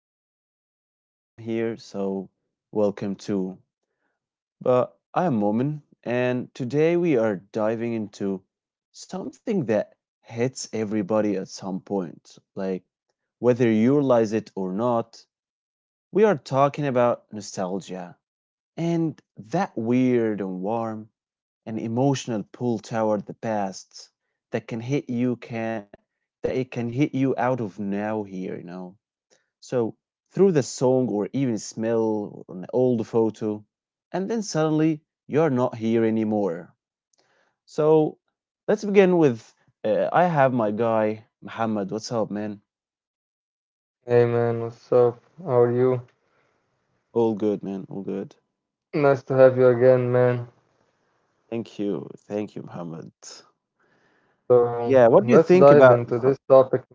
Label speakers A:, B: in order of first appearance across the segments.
A: if this is your first time here, so welcome too. But I'm Momin, and today we are diving into something that hits everybody at some point. Like, whether you realize it or not, we are talking about nostalgia and that weird and warm an emotional pull toward the past that can hit you can that it can hit you out of now here, you know so through the song or even smell or an old photo, and then suddenly you're not here anymore. So let's begin with I have my guy muhammad. What's up, man?
B: Hey man, what's up? How are you?
A: All good, man, all good.
B: Nice to have you again, man.
A: Thank you, muhammad.
B: So
A: Yeah, what
B: let's
A: do you
B: dive
A: think
B: into
A: about
B: this
A: so?
B: topic, man.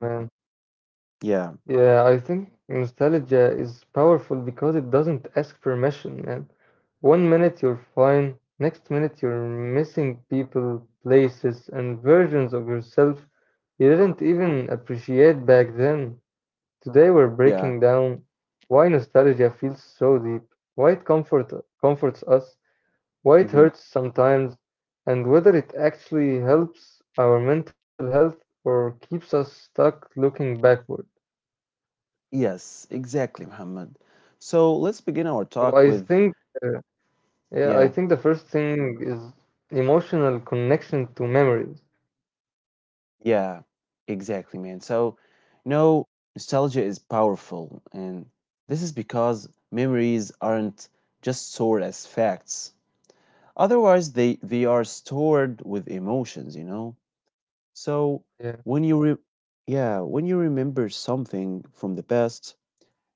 A: Yeah,
B: Yeah, I think nostalgia is powerful because it doesn't ask permission, man. One minute you're fine, next minute you're missing people, places, and versions of yourself you didn't even appreciate back then. Today we're breaking
A: yeah.
B: down why nostalgia feels so deep, why it comforts us, why it
A: Mhm.
B: hurts sometimes, and whether it actually helps our mental health or keeps us stuck looking backward.
A: Yes, exactly, Muhammad. So let's begin our
B: So
A: talk
B: I
A: with,
B: think, uh, yeah,
A: yeah,
B: I think the first thing is emotional connection to memories.
A: yeah, exactly, man. So, you know, nostalgia is powerful, and this is because memories aren't just stored as facts. Otherwise, they are stored with emotions, you know. So when
B: Yeah,
A: you re Yeah, when you remember something from the past,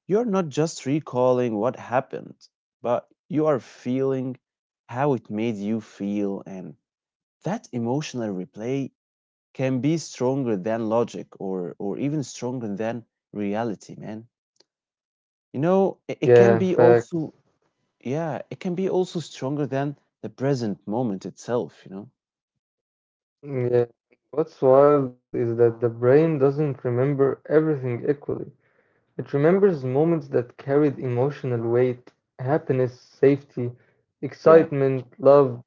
A: you're not just recalling what happened, but you are feeling how it made you feel. And that emotional replay can be stronger than logic or even stronger than reality, man. You know, it can
B: yeah,
A: be also,
B: facts.
A: yeah, it can be also stronger than the present moment itself, you know?
B: Yeah. What's wild is that the brain doesn't remember everything equally. It remembers moments that carried emotional weight, happiness, safety,
A: Yeah.
B: excitement, love,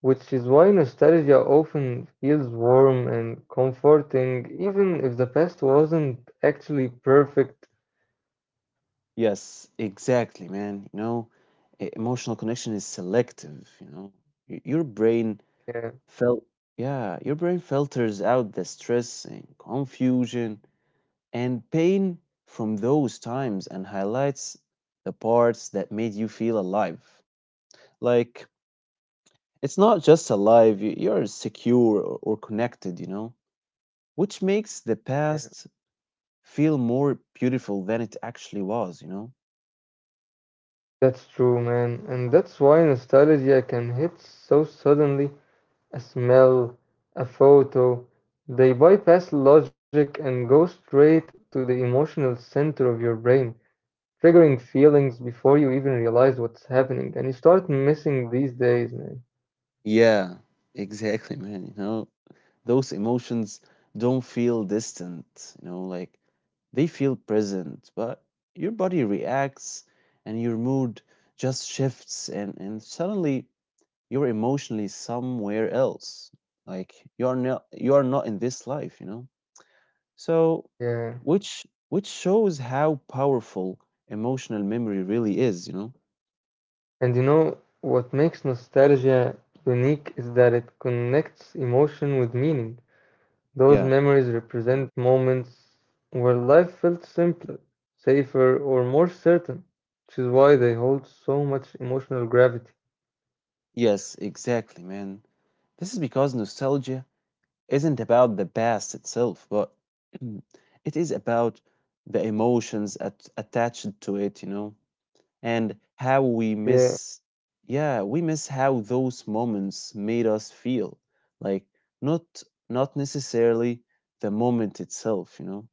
B: which is why nostalgia often feels warm and comforting, even if the past wasn't actually perfect.
A: Yes, exactly, man. You know, emotional connection is selective, you know. Y- Your brain
B: Yeah,
A: Fil- yeah, your brain filters out the stress and confusion and pain from those times and highlights the parts that made you feel alive. Like, it's not just alive, you're secure or connected, you know, which makes the
B: yeah,
A: past feel more beautiful than it actually was, you know?
B: that's true, man. And that's why nostalgia can hit so suddenly. A smell, a photo, they bypass logic and go straight to the emotional center of your brain, triggering feelings before you even realize what's happening. And you start missing these days, man.
A: Yeah, exactly, man. You know, those emotions don't feel distant, you know, like they feel present, but your body reacts and your mood just shifts and suddenly you're emotionally somewhere else. Like you are not in this life, you know? So
B: Yeah.
A: which which shows how powerful emotional memory really is, you know?
B: And you know what makes nostalgia unique is that it connects emotion with meaning.
A: Yeah.
B: Those memories represent moments where life felt simpler, safer, or more certain, which is why they hold so much emotional gravity.
A: Yes, exactly, man. This is because nostalgia isn't about the past itself, but it is about the emotions attached to it, you know, and
B: Yeah,
A: yeah, we miss how those moments made us feel, like not not necessarily the moment itself, you know.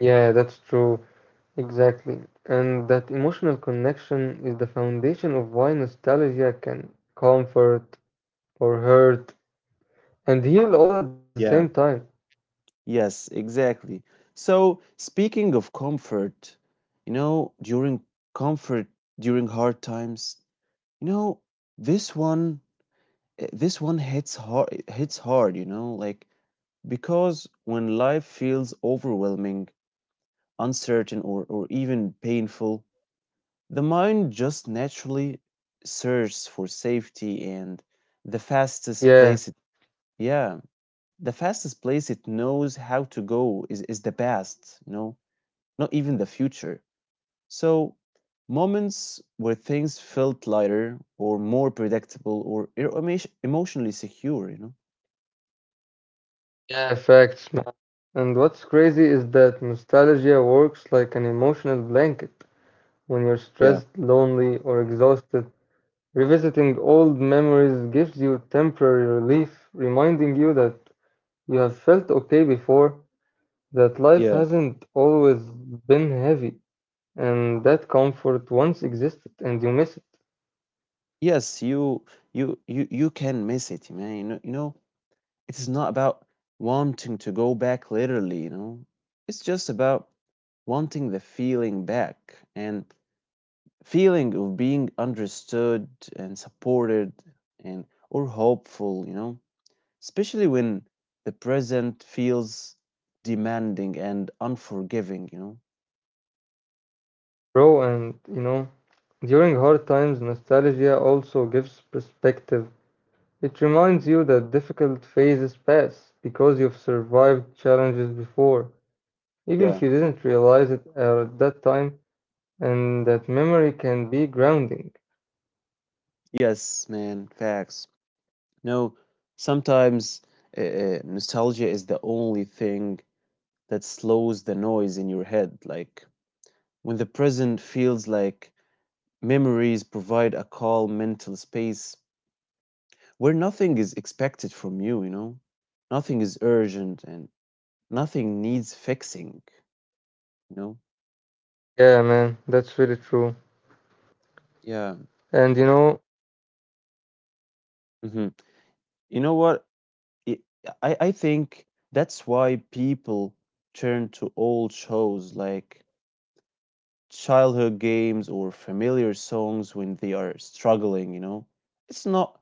B: yeah, that's true. Exactly. And that emotional connection is the foundation of why nostalgia can comfort or hurt and heal all at the same
A: Yeah,
B: time.
A: yes, exactly. So speaking of comfort, you know, comfort during hard times, you know, this one this one hits hard, you know, like because when life feels overwhelming, uncertain, or even painful, the mind just naturally searches for safety and the fastest
B: Yeah.
A: place it, yeah, the fastest place it knows how to go is the past, you know, not even the future. So, moments where things felt lighter or more predictable or emotionally secure, you know.
B: Yeah, facts, man. And what's crazy is that nostalgia works like an emotional blanket. When you're stressed,
A: Yeah,
B: lonely, or exhausted, revisiting old memories gives you temporary relief, reminding you that you have felt okay before, that life
A: yeah.
B: hasn't always been heavy, and that comfort once existed and you miss it.
A: Yes, you you can miss it, man. You know, it is not about wanting to go back literally, you know. It's just about wanting the feeling back and feeling of being understood and supported and or hopeful, you know. Especially when the present feels demanding and unforgiving, you know.
B: Bro, and you know, during hard times, nostalgia also gives perspective. It reminds you that difficult phases pass because you've survived challenges before, even if you
A: Yeah.
B: didn't realize it at that time, and that memory can be grounding.
A: Yes, man. Facts. No, sometimes nostalgia is the only thing that slows the noise in your head. Like when the present feels like, memories provide a calm mental space where nothing is expected from you, you know? Nothing is urgent and nothing needs fixing, you know?
B: Yeah, man, that's really true.
A: Yeah.
B: And you know,
A: Hmm. You know what? It, I think that's why people turn to old shows like childhood games or familiar songs when they are struggling, you know. It's not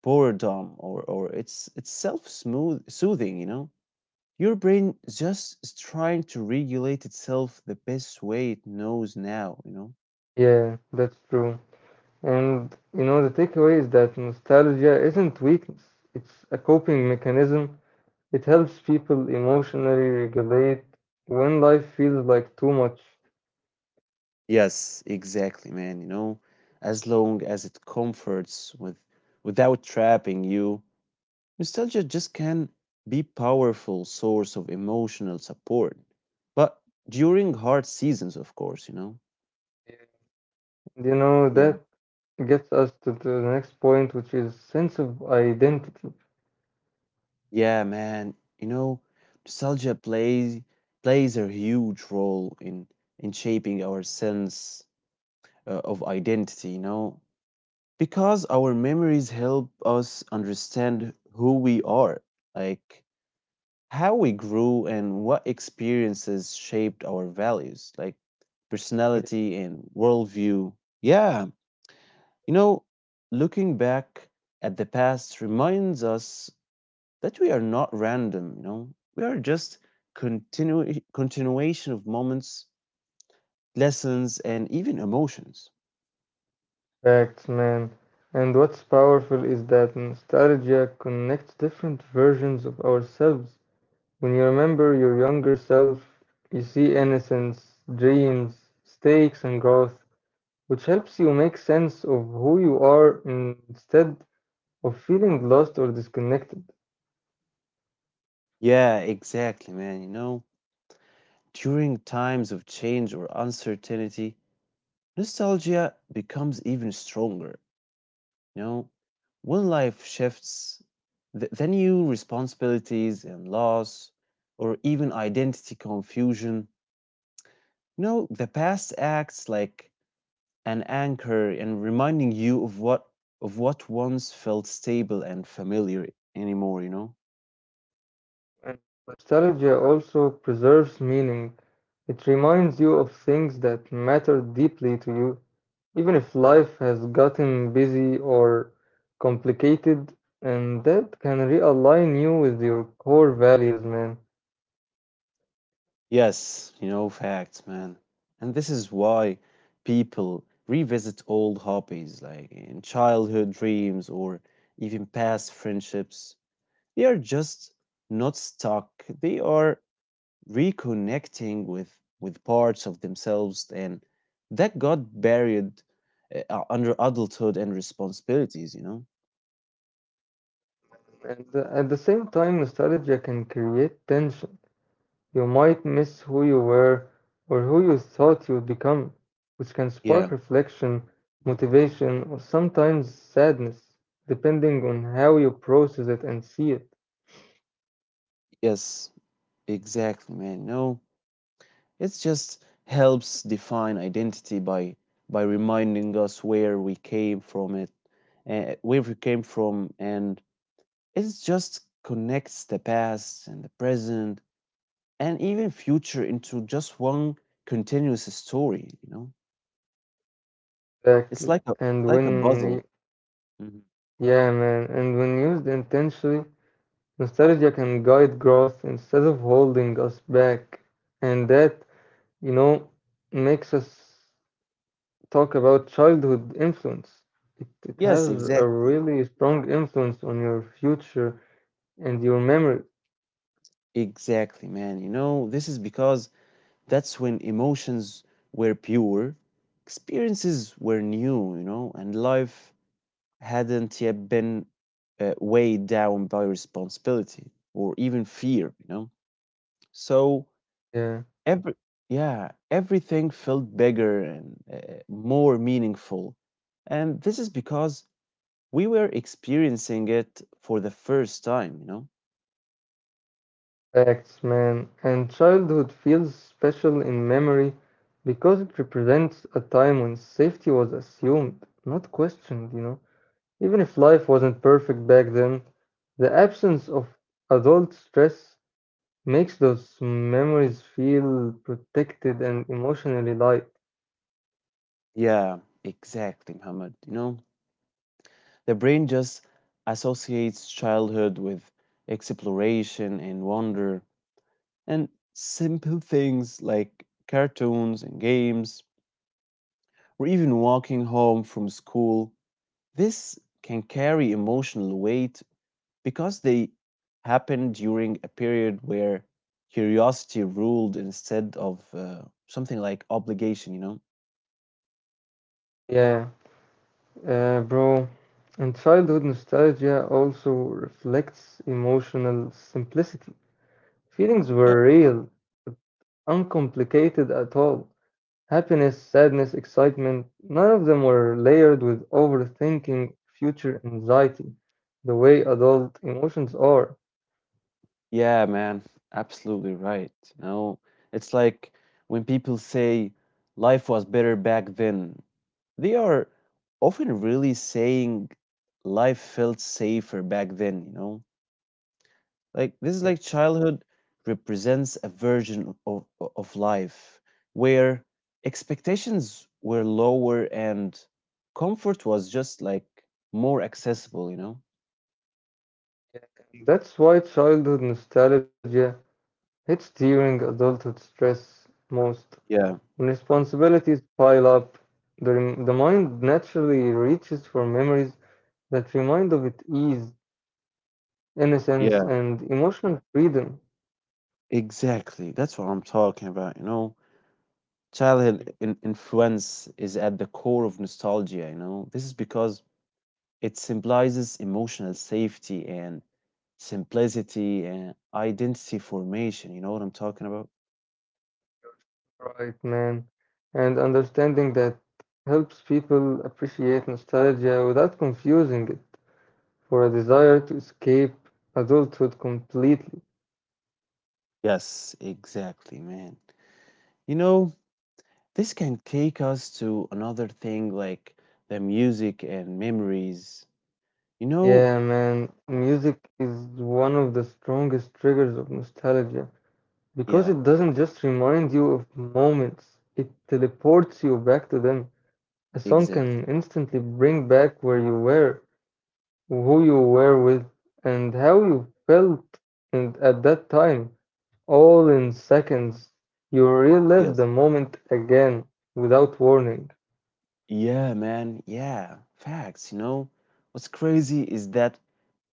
A: boredom, or it's self smooth soothing, you know. Your brain just is trying to regulate itself the best way it knows now, you know.
B: yeah, that's true. And you know, the takeaway is that nostalgia isn't weakness, it's a coping mechanism. It helps people emotionally regulate when life feels like too much.
A: Yes, exactly, man, you know. As long as it comforts with without trapping you, nostalgia just can be powerful source of emotional support, but during hard seasons, of course, you know.
B: You know,
A: Yeah.
B: that gets us to the next point, which is sense of identity.
A: Yeah, man, you know, nostalgia plays a huge role in shaping our sense of identity, you know, because our memories help us understand who we are, like how we grew and what experiences shaped our values. Like personality and worldview. Yeah, you know, looking back at the past reminds us that we are not random, you know, we are just continuation of moments, lessons, and even emotions.
B: Facts, man. And what's powerful is that nostalgia connects different versions of ourselves. When you remember your younger self, you see innocence, dreams, stakes, and growth, which helps you make sense of who you are instead of feeling lost or disconnected.
A: Yeah, exactly, man. You know, during times of change or uncertainty, nostalgia becomes even stronger. You know, when life shifts, the new responsibilities and loss, or even identity confusion, you know, the past acts like an anchor and reminding you of what once felt stable and familiar anymore, you know?
B: And nostalgia also preserves meaning. It reminds you of things that matter deeply to you, even if life has gotten busy or complicated, and that can realign you with your core values, man.
A: Yes, you know, facts, man. And this is why people revisit old hobbies like in childhood dreams or even past friendships. They are just not stuck, they are reconnecting with parts of themselves and that got buried under adulthood and responsibilities, you know.
B: And at the same time, nostalgia can create tension. You might miss who you were or who you thought you would become, which can spark
A: Yeah,
B: reflection, motivation, or sometimes sadness, depending on how you process it and see it.
A: yes, exactly, man. No, it just helps define identity by reminding us where we came from. It where we came from and it just connects the past and the present and even future into just one continuous story, you know?
B: Exactly.
A: It's
B: And
A: like a
B: when, y-
A: puzzle. Mhm.
B: yeah, man, and when used intentionally, nostalgia can guide growth instead of holding us back. And that, you know, makes us talk about childhood influence. It has
A: Yes,
B: a
A: exactly.
B: really strong influence on your future and your memory.
A: Exactly, man. You know, this is because that's when emotions were pure, experiences were new, you know, and life hadn't yet been weighed down by responsibility or even fear, you know? So
B: Yeah,
A: Every Yeah, everything felt bigger and more meaningful. And this is because we were experiencing it for the first time, you know?
B: facts, man. And childhood feels special in memory because it represents a time when safety was assumed, not questioned, you know. Even if life wasn't perfect back then, the absence of adult stress makes those memories feel protected and emotionally light.
A: Yeah, exactly, Muhammad. You know, the brain just associates childhood with exploration and wonder and simple things like cartoons and games or even walking home from school. This can carry emotional weight because they happened during a period where curiosity ruled instead of something like obligation, you know?
B: Yeah, bro. And childhood nostalgia also reflects emotional simplicity. Feelings
A: Yeah.
B: were real, uncomplicated at all. Happiness, sadness, excitement, none of them were layered with overthinking, future anxiety, the way adult emotions are.
A: Yeah, man, absolutely right. You know, it's like when people say life was better back then, they are often really saying life felt safer back then, you know? Like this is like childhood represents a version of life where expectations were lower and comfort was just like more accessible, you know?
B: That's why childhood nostalgia hits during adulthood stress most.
A: Yeah.
B: When responsibilities pile up, the mind naturally reaches for memories that remind of its ease, innocence,
A: Yeah.
B: and emotional freedom.
A: Exactly. That's what I'm talking about, you know? Childhood influence is at the core of nostalgia, you know? This is because it symbolizes emotional safety and simplicity and identity formation. You know what I'm talking about?
B: Right, man. And understanding that helps people appreciate nostalgia without confusing it for a desire to escape adulthood completely.
A: Yes, exactly, man. You know, this can take us to another thing like the music and memories. You know,
B: Yeah, man, music is one of the strongest triggers of nostalgia because
A: yeah,
B: it doesn't just remind you of moments, it teleports you back to them. A song can
A: exactly.
B: instantly bring back where you were, who you were with, and how you felt and at that time. All in seconds. You relive the
A: Yes.
B: moment again without warning.
A: Yeah, man. Yeah, facts. You know, what's crazy is that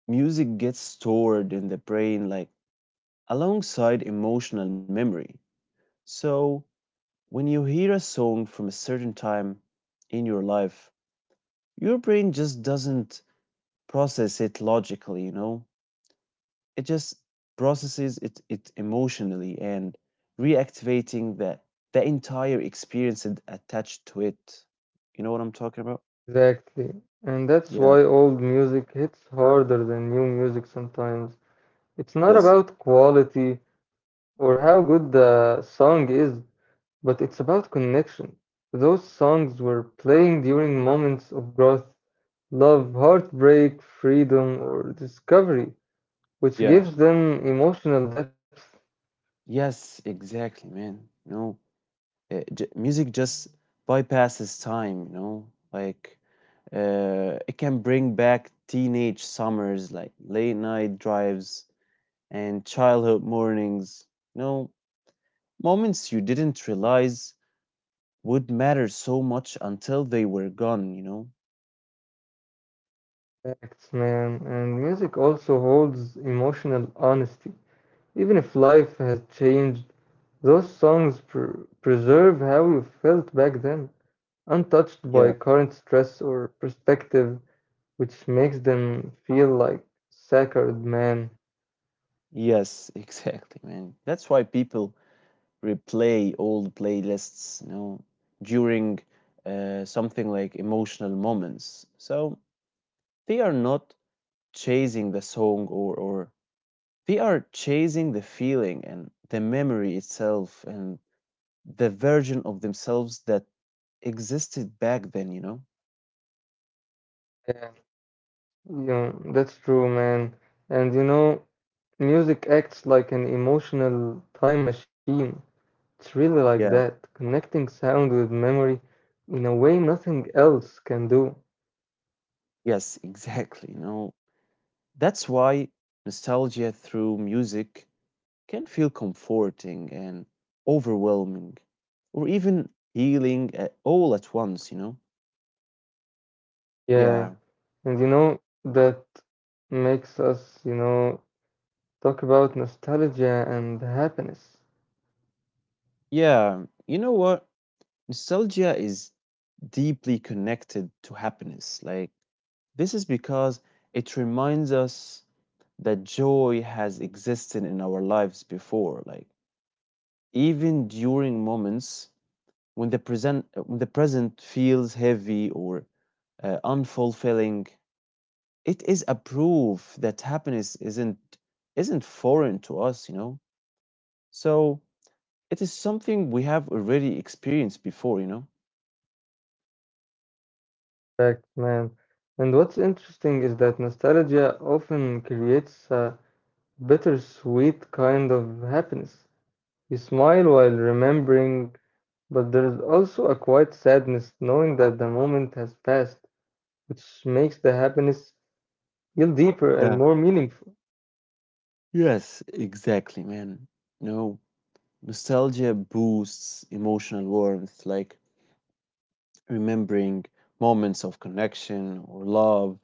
A: music gets stored in the brain like alongside emotional memory. So when you hear a song from a certain time in your life, your brain just doesn't process it logically, you know? It just processes it emotionally and reactivating the entire experience and attached to it. You know what I'm talking about?
B: Exactly. And that's why
A: Yeah.
B: old music hits harder than new music sometimes. It's not
A: Yes.
B: about quality or how good the song is, but it's about connection. Those songs were playing during moments of growth, love, heartbreak, freedom, or discovery, which
A: Yeah.
B: gives them emotional depth.
A: Yes. Exactly, man. You know, music just bypasses time. You know, like it can bring back teenage summers, like late night drives and childhood mornings. You know, moments you didn't realize would matter so much until they were gone, you know?
B: Facts, man. And music also holds emotional honesty. Even if life has changed, those songs preserve how you felt back then, untouched by
A: Yeah.
B: current stress or perspective, which makes them feel like sacred, man.
A: Yes, exactly, man. That's why people replay old playlists, you know, during something like emotional moments. So they are not chasing the song, or they are chasing the feeling and the memory itself and the version of themselves that existed back then, you know?
B: Yeah, you know, that's true, man. And you know, music acts like an emotional time machine. It's really like
A: Yeah.
B: that, connecting sound with memory in a way nothing else can do.
A: Yes, exactly. No, that's why nostalgia through music can feel comforting and overwhelming, or even healing at all at once, you know?
B: Yeah,
A: Yeah,
B: and you know, that makes us, you know, talk about nostalgia and happiness.
A: yeah. You know what? Nostalgia is deeply connected to happiness. Like, this is because it reminds us that joy has existed in our lives before, like, even during moments when the present feels heavy or unfulfilling, it is a proof that happiness isn't foreign to us, you know, so it is something we have already experienced before, you know.
B: Fact, man. And what's interesting is that nostalgia often creates a bittersweet kind of happiness. You smile while remembering, but there's also a quiet sadness knowing that the moment has passed, which makes the happiness feel deeper
A: Yeah.
B: and more meaningful.
A: Yes, exactly, man. You know, nostalgia boosts emotional warmth like remembering moments of connection or love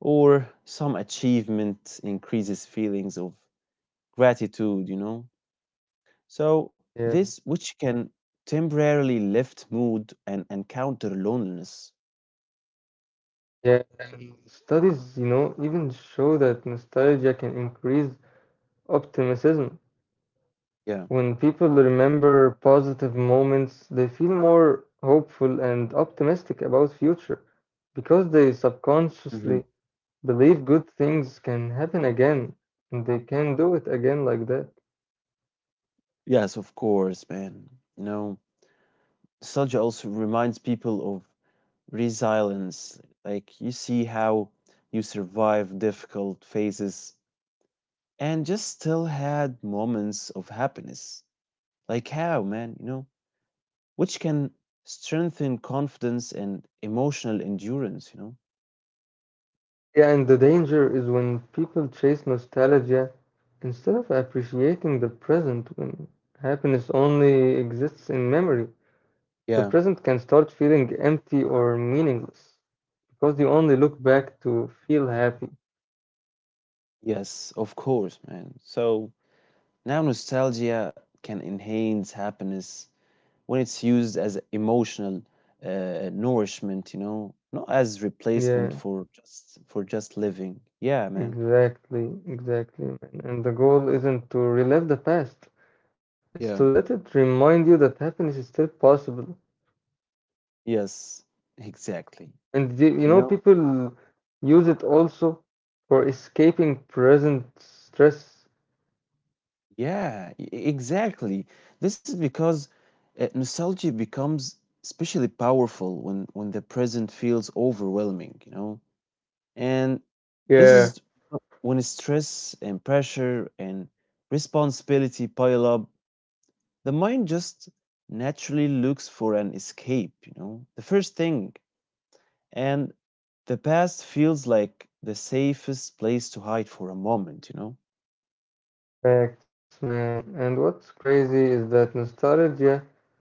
A: or some achievement increases feelings of gratitude, you know. So
B: Yeah,
A: this which can temporarily lift mood and counter loneliness.
B: yeah. And studies, you know, even show that nostalgia can increase optimism.
A: Yeah.
B: When people remember positive moments, they feel more hopeful and optimistic about future because they
A: Hmm.
B: subconsciously believe good things can happen again and they can do it again like that.
A: Yes, of course, man. You know, nostalgia also reminds people of resilience. Like you see how you survived difficult phases and just still had moments of happiness. Like how, man, you know, which can strengthen confidence and emotional endurance, you know?
B: Yeah, and the danger is when people chase nostalgia instead of appreciating the present, when happiness only exists in memory. The
A: Yeah.
B: present can start feeling empty or meaningless because you only look back to feel happy.
A: Yes, of course, man. So now, nostalgia can enhance happiness when it's used as emotional nourishment, you know, not as replacement
B: Yeah,
A: for just living. Yeah, man.
B: exactly, exactly, man. And the goal isn't to relive the past, it's to
A: Yeah.
B: let it remind you that happiness is still possible.
A: Yes. Exactly.
B: And you
A: You
B: know,
A: know.
B: people use it also for escaping present stress.
A: Yeah. Exactly. This is because nostalgia becomes especially powerful when the present feels overwhelming. You know. And this
B: Yeah,
A: is when stress and pressure and responsibility pile up, the mind just naturally looks for an escape, you know, the first thing. And the past feels like the safest place to hide for a moment, you know?
B: facts, man. And what's crazy is that nostalgia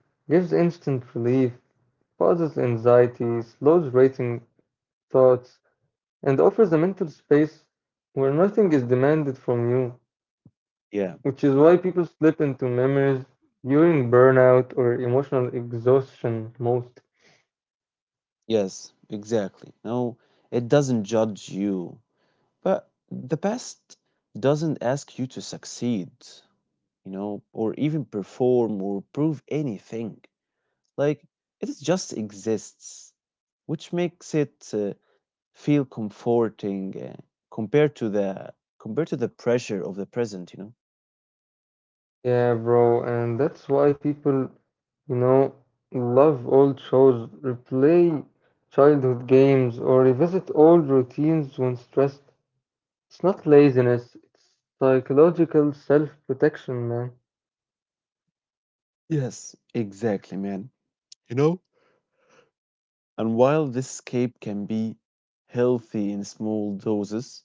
B: gives instant relief, pauses anxiety, slows racing thoughts, and offers a mental space where nothing is demanded from you,
A: Yeah,
B: which is why people slip into memories during burnout or emotional exhaustion most.
A: yes, exactly. No, it doesn't judge you, but the past doesn't ask you to succeed, you know, or even perform or prove anything. Like, it is just exists, which makes it feel comforting compared to the compared to the pressure of the present, you know.
B: Yeah, bro, and that's why people, you know, love old shows, replay childhood games, or revisit old routines when stressed. It's not laziness, it's psychological self-protection, man.
A: Yes, exactly, man. You know? And while this escape can be healthy in small doses,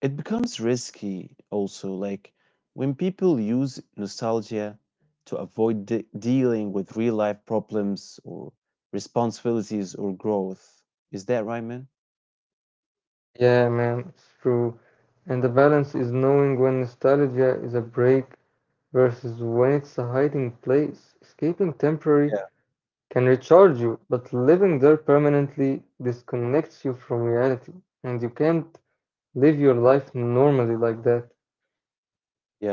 A: it becomes risky also, like when people use nostalgia to avoid dealing with real life problems or responsibilities or growth. Is that right, man?
B: Yeah, man, it's true. And the balance is knowing when nostalgia is a break versus when it's a hiding place, escaping temporary
A: Yeah.
B: can recharge you, but living there permanently disconnects you from reality, and you can't live your life normally like that.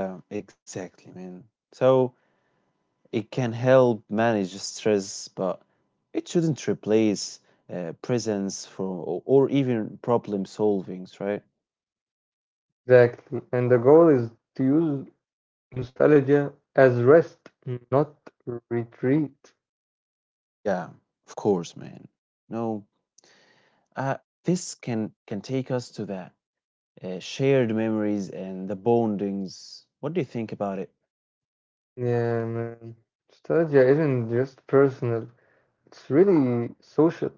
A: Yeah, exactly, man. So it can help manage stress, but it shouldn't replace presence from or even problem solvings, right?
B: Exactly. And the goal is to use nostalgia as rest, not retreat.
A: Yeah, of course, man. No, uh, this can take us to that shared memories and the bondings. What do you think about it?
B: Yeah, man. Nostalgia isn't just personal, it's really social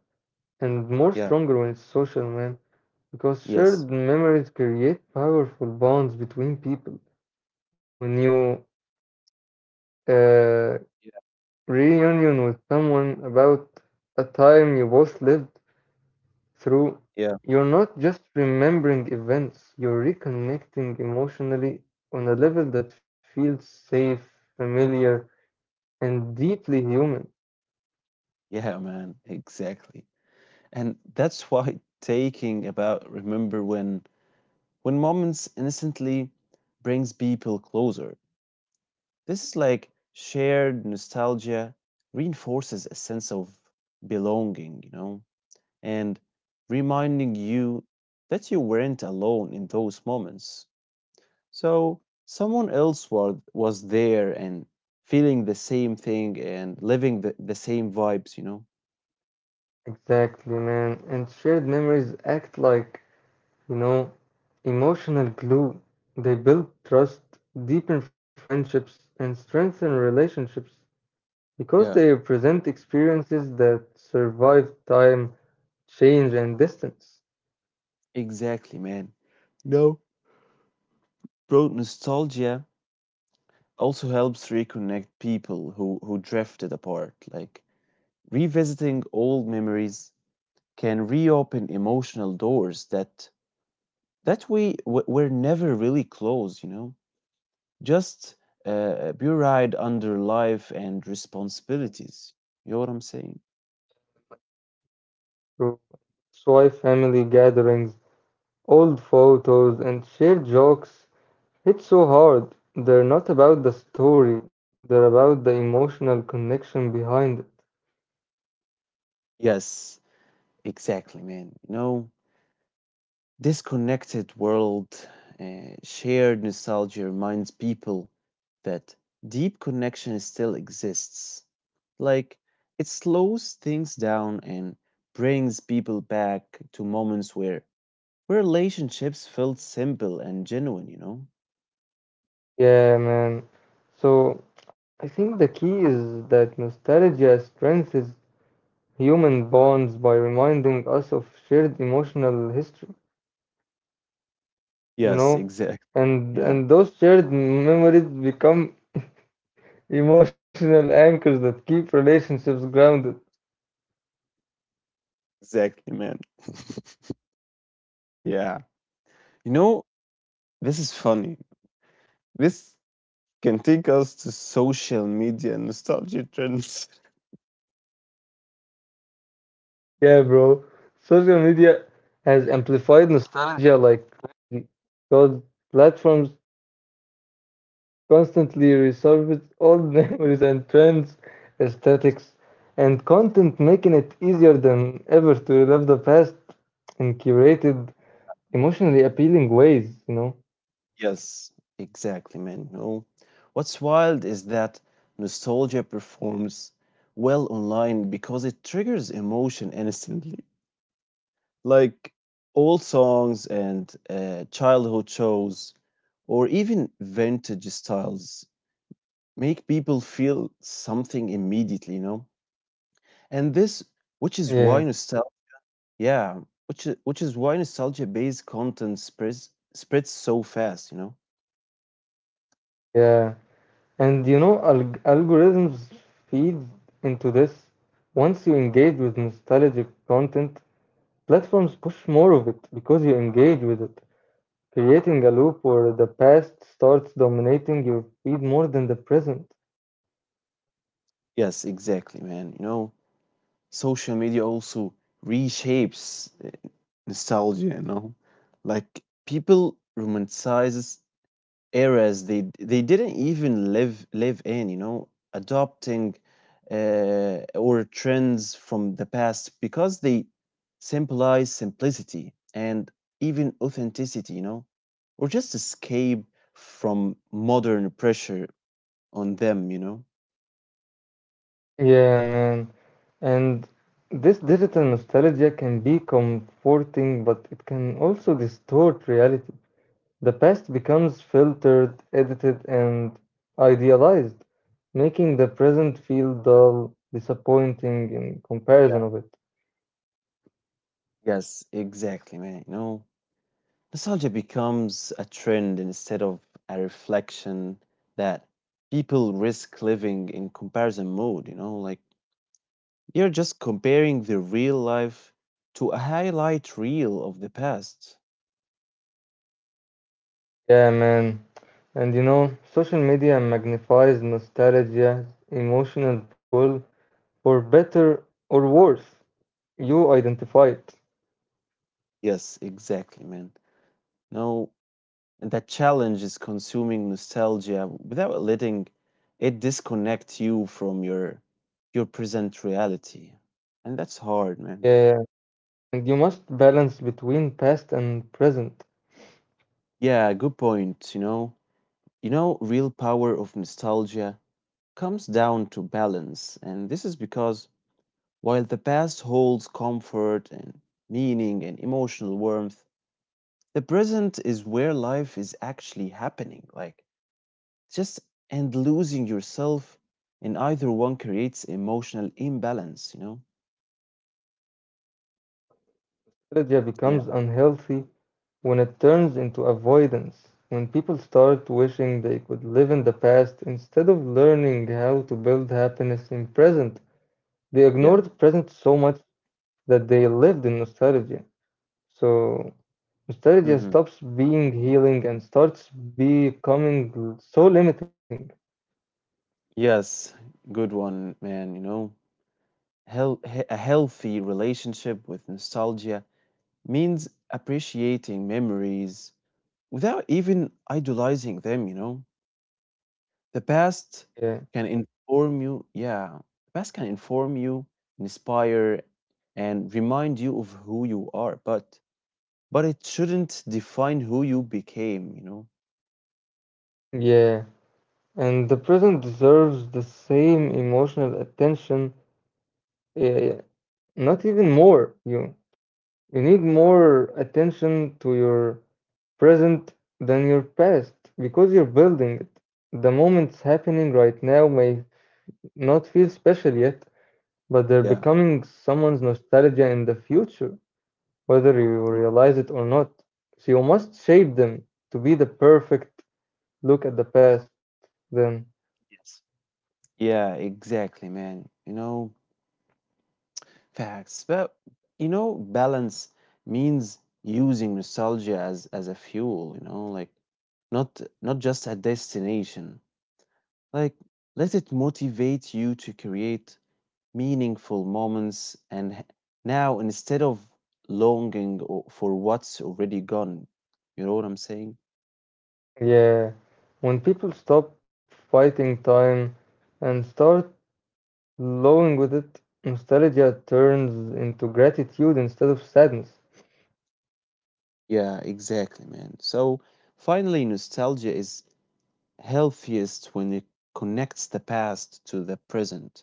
B: and more
A: Yeah.
B: stronger when it's social, man. Because
A: Yes.
B: shared memories create powerful bonds between people. When you uh,
A: Yeah,
B: reunion with someone about a time you both lived through,
A: yeah.
B: you're not just remembering events, you're reconnecting emotionally on a level that feels safe, familiar, and deeply human.
A: Yeah, man, exactly. And that's why taking about remember when moments innocently brings people closer. This is like shared nostalgia reinforces a sense of belonging, you know, and reminding you that you weren't alone in those moments. So someone else was there and feeling the same thing and living the same vibes, you know?
B: Exactly, man. And shared memories act like, you know, emotional glue. They build trust, deepen friendships, and strengthen relationships because
A: Yeah.
B: they represent experiences that survive time change and distance
A: Exactly, man. No. Bro, nostalgia also helps reconnect people who drifted apart. Like revisiting old memories can reopen emotional doors that were never really closed, you know? Just buried under life and responsibilities. You know what I'm saying?
B: through soy family gatherings, old photos, and shared jokes hit so hard. They're not about the story, they're about the emotional connection behind it.
A: Yes, exactly, man. You know, this connected world, shared nostalgia reminds people that deep connection still exists. Like, it slows things down and brings people back to moments where relationships felt simple and genuine, you know?
B: Yeah, man. So I think the key is that nostalgia strengthens human bonds by reminding us of shared emotional history, you
A: Yes,
B: know?
A: exactly. Yeah,
B: And those shared memories become emotional anchors that keep relationships grounded.
A: exactly, man. Yeah. You know, this is funny. This can take us to social media and nostalgia trends.
B: Yeah, bro. Social media has amplified nostalgia like crazy because platforms constantly resurface old memories and trends, aesthetics, and content, making it easier than ever to relive the past in curated, emotionally appealing ways, you know?
A: Yes, exactly, man. No. What's wild is that nostalgia performs well online because it triggers emotion instantly. Like old songs and childhood shows, or even vintage styles, make people feel something immediately, you know? And this, which
B: Yeah,
A: is why nostalgia, yeah, which is why nostalgia-based content spreads so fast, you know?
B: yeah. And you know, algorithms feed into this. Once you engage with nostalgic content, platforms push more of it because you engage with it, creating a loop where the past starts dominating your feed more than the present.
A: Yes, exactly, man. You know, social media also reshapes nostalgia, you know? Like people romanticizes eras they didn't even live in, you know, adopting or trends from the past because they symbolize simplicity and even authenticity, you know, or just escape from modern pressure on them, you know?
B: Yeah, man. And this digital nostalgia can be comforting, but it can also distort reality. The past becomes filtered, edited, and idealized, making the present feel dull, disappointing in comparison
A: Yeah.
B: of it.
A: Yes, exactly, man. You know, nostalgia becomes a trend instead of a reflection that people risk living in comparison mode, you know, like you're just comparing the real life to a highlight reel of the past.
B: Yeah, man. And you know, social media magnifies nostalgia, emotional pull, for better or worse. You identify it.
A: Yes, exactly, man. No, and that challenge is consuming nostalgia without letting it disconnect you from your present reality. And that's hard, man.
B: Yeah, yeah. And you must balance between past and present.
A: Yeah, good point, you know. You know, real power of nostalgia comes down to balance, and this is because while the past holds comfort and meaning and emotional warmth, the present is where life is actually happening. Like just and losing yourself in either one creates emotional imbalance, you know.
B: Nostalgia becomes
A: Yeah,
B: unhealthy when it turns into avoidance, when people start wishing they could live in the past instead of learning how to build happiness in present. They
A: yeah.
B: ignored present so much that they lived in nostalgia. So nostalgia
A: Hmm.
B: stops being healing and starts becoming so limiting.
A: Yes, good one, man, you know. A healthy relationship with nostalgia means appreciating memories without even idolizing them, you know. The past
B: Yeah,
A: can inform you. Yeah, the past can inform you, inspire, and remind you of who you are, but it shouldn't define who you became, you know?
B: yeah. And the present deserves the same emotional attention. Yeah, yeah. Not even more. You need more attention to your present than your past because you're building it. The moments happening right now may not feel special yet, but they're
A: Yeah.
B: becoming someone's nostalgia in the future, whether you
A: Y-.
B: realize it or not. So you must shape them to be the perfect look at the past. Then,
A: Yes. Yeah, exactly, man. You know, facts. But you know, balance means using nostalgia as a fuel, you know, like not just a destination. Like let it motivate you to create meaningful moments and now instead of for what's already gone. You know what I'm saying?
B: yeah, when people stop fighting time and start flowing with it, nostalgia turns into gratitude instead of sadness.
A: Yeah, exactly, man. So finally, nostalgia is healthiest when it connects the past to the present.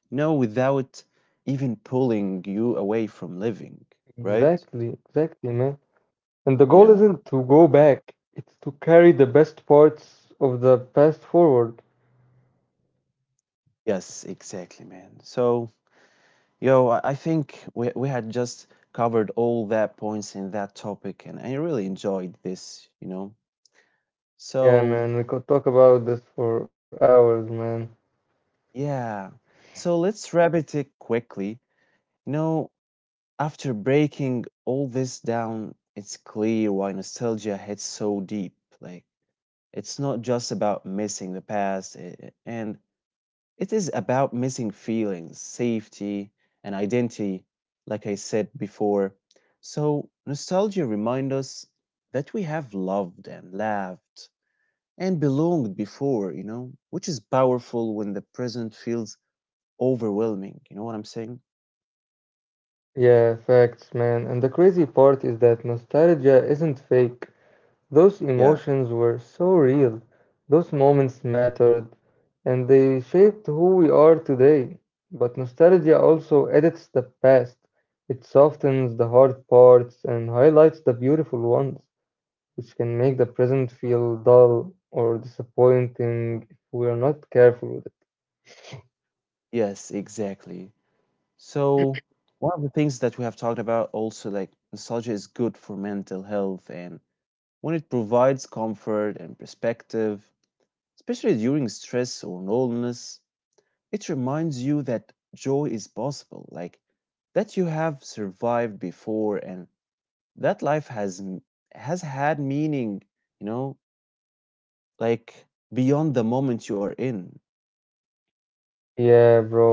A: You know, without even pulling you away from living, right?
B: Exactly, exactly, man. And the
A: Yeah.
B: goal isn't to go back, it's to carry the best parts of the past forward.
A: Yes, exactly, man. So, yo, I think we had just covered all that points in that topic, and I really enjoyed this, you know.
B: Yeah,
A: So,
B: man, we could talk about this for hours, man.
A: yeah. So let's wrap it up quickly. You know, after breaking all this down, it's clear why nostalgia hits so deep. Like, it's not just about missing the past, eh, and it is about missing feelings, safety, and identity, like I said before. So, nostalgia reminds us that we have loved and laughed and belonged before, you know, which is powerful when the present feels overwhelming. You know what I'm saying?
B: Yeah, facts, man. And the crazy part is that nostalgia isn't fake. Those
A: Yeah.
B: emotions were so real. Those moments mattered, and they shaped who we are today. But nostalgia also edits the past. It softens the hard parts and highlights the beautiful ones, which can make the present feel dull or disappointing if we are not careful with it.
A: Yes, exactly. So one of the things that we have talked about also, like nostalgia is good for mental health and when it provides comfort and perspective, especially during stress or loneliness, it reminds you that joy is possible, like that you have survived before and that life has had meaning, you know, like beyond the moment you are in.
B: Yeah, bro.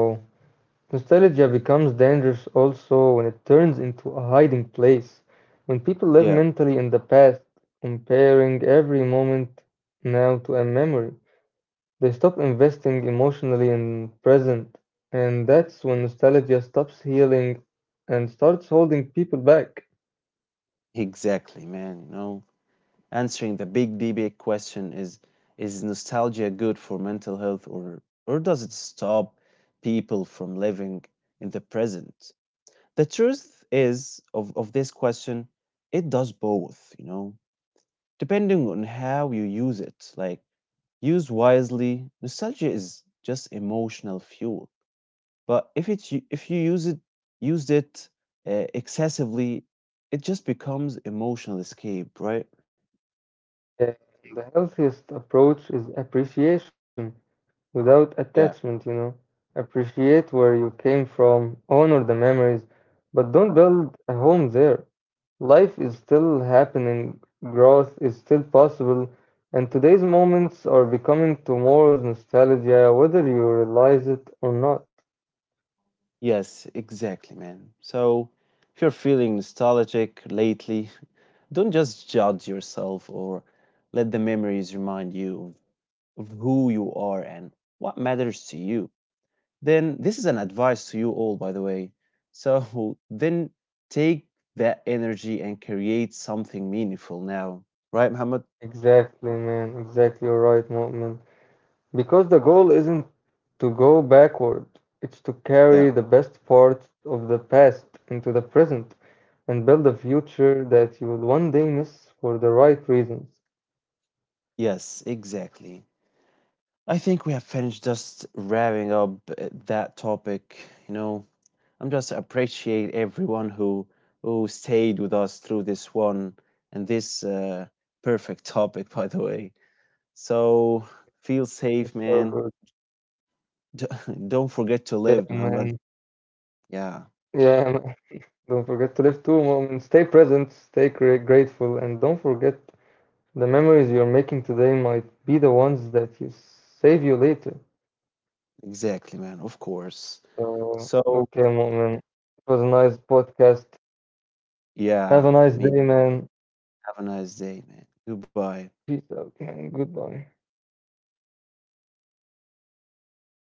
B: Nostalgia becomes dangerous also when it turns into a hiding place, when people live
A: Yeah,
B: mentally in the past, comparing every moment now to a memory. They stop investing emotionally in present, and that's when nostalgia stops healing and starts holding people back.
A: exactly, man, you know. Answering the big debate question, is nostalgia good for mental health, or does it stop people from living in the present? The truth is of this question, it does both, you know, depending on how you use it. Like used wisely, nostalgia is just emotional fuel, but if you use it, used it, excessively, it just becomes emotional escape, right?
B: Uh, the healthiest approach is appreciation without
A: Yeah.
B: attachment, you know. Appreciate where you came from, honor the memories, but don't build a home there. Life is still happening, growth is still possible, and today's moments are becoming tomorrow's nostalgia, whether you realize it or not.
A: Yes, exactly, man. So if you're feeling nostalgic lately, don't just judge yourself, or let the memories remind you of who you are and what matters to you. Then, this is an advice to you all, by the way. So, then take that energy and create something meaningful now. Right, Muhammad?
B: Exactly, man. Exactly, you're right, Mu'min. Because the goal isn't to go backward, it's to
A: Yeah.
B: carry the best parts of the past into the present and build a future that you will one day miss for the right reasons.
A: Yes, exactly. I think we have finished just wrapping up that topic, you know. I'm just appreciate everyone who stayed with us through this one and this perfect topic, by the way. So feel
B: That's
A: safe,
B: so
A: man.
B: good.
A: D- Don't
B: Yeah,
A: forget to live,
B: man.
A: Mohammed. Yeah,
B: Yeah, man. Don't forget to live two moments. Stay present, stay grateful, and don't forget the memories you're making today might be the ones that you save you later.
A: exactly, man. Of course.
B: So,
A: So
B: okay, moment. It was a nice podcast. Have
A: yeah,
B: a nice
A: me.
B: day, man.
A: Have a nice day, man. Goodbye.
B: She's okay. Goodbye.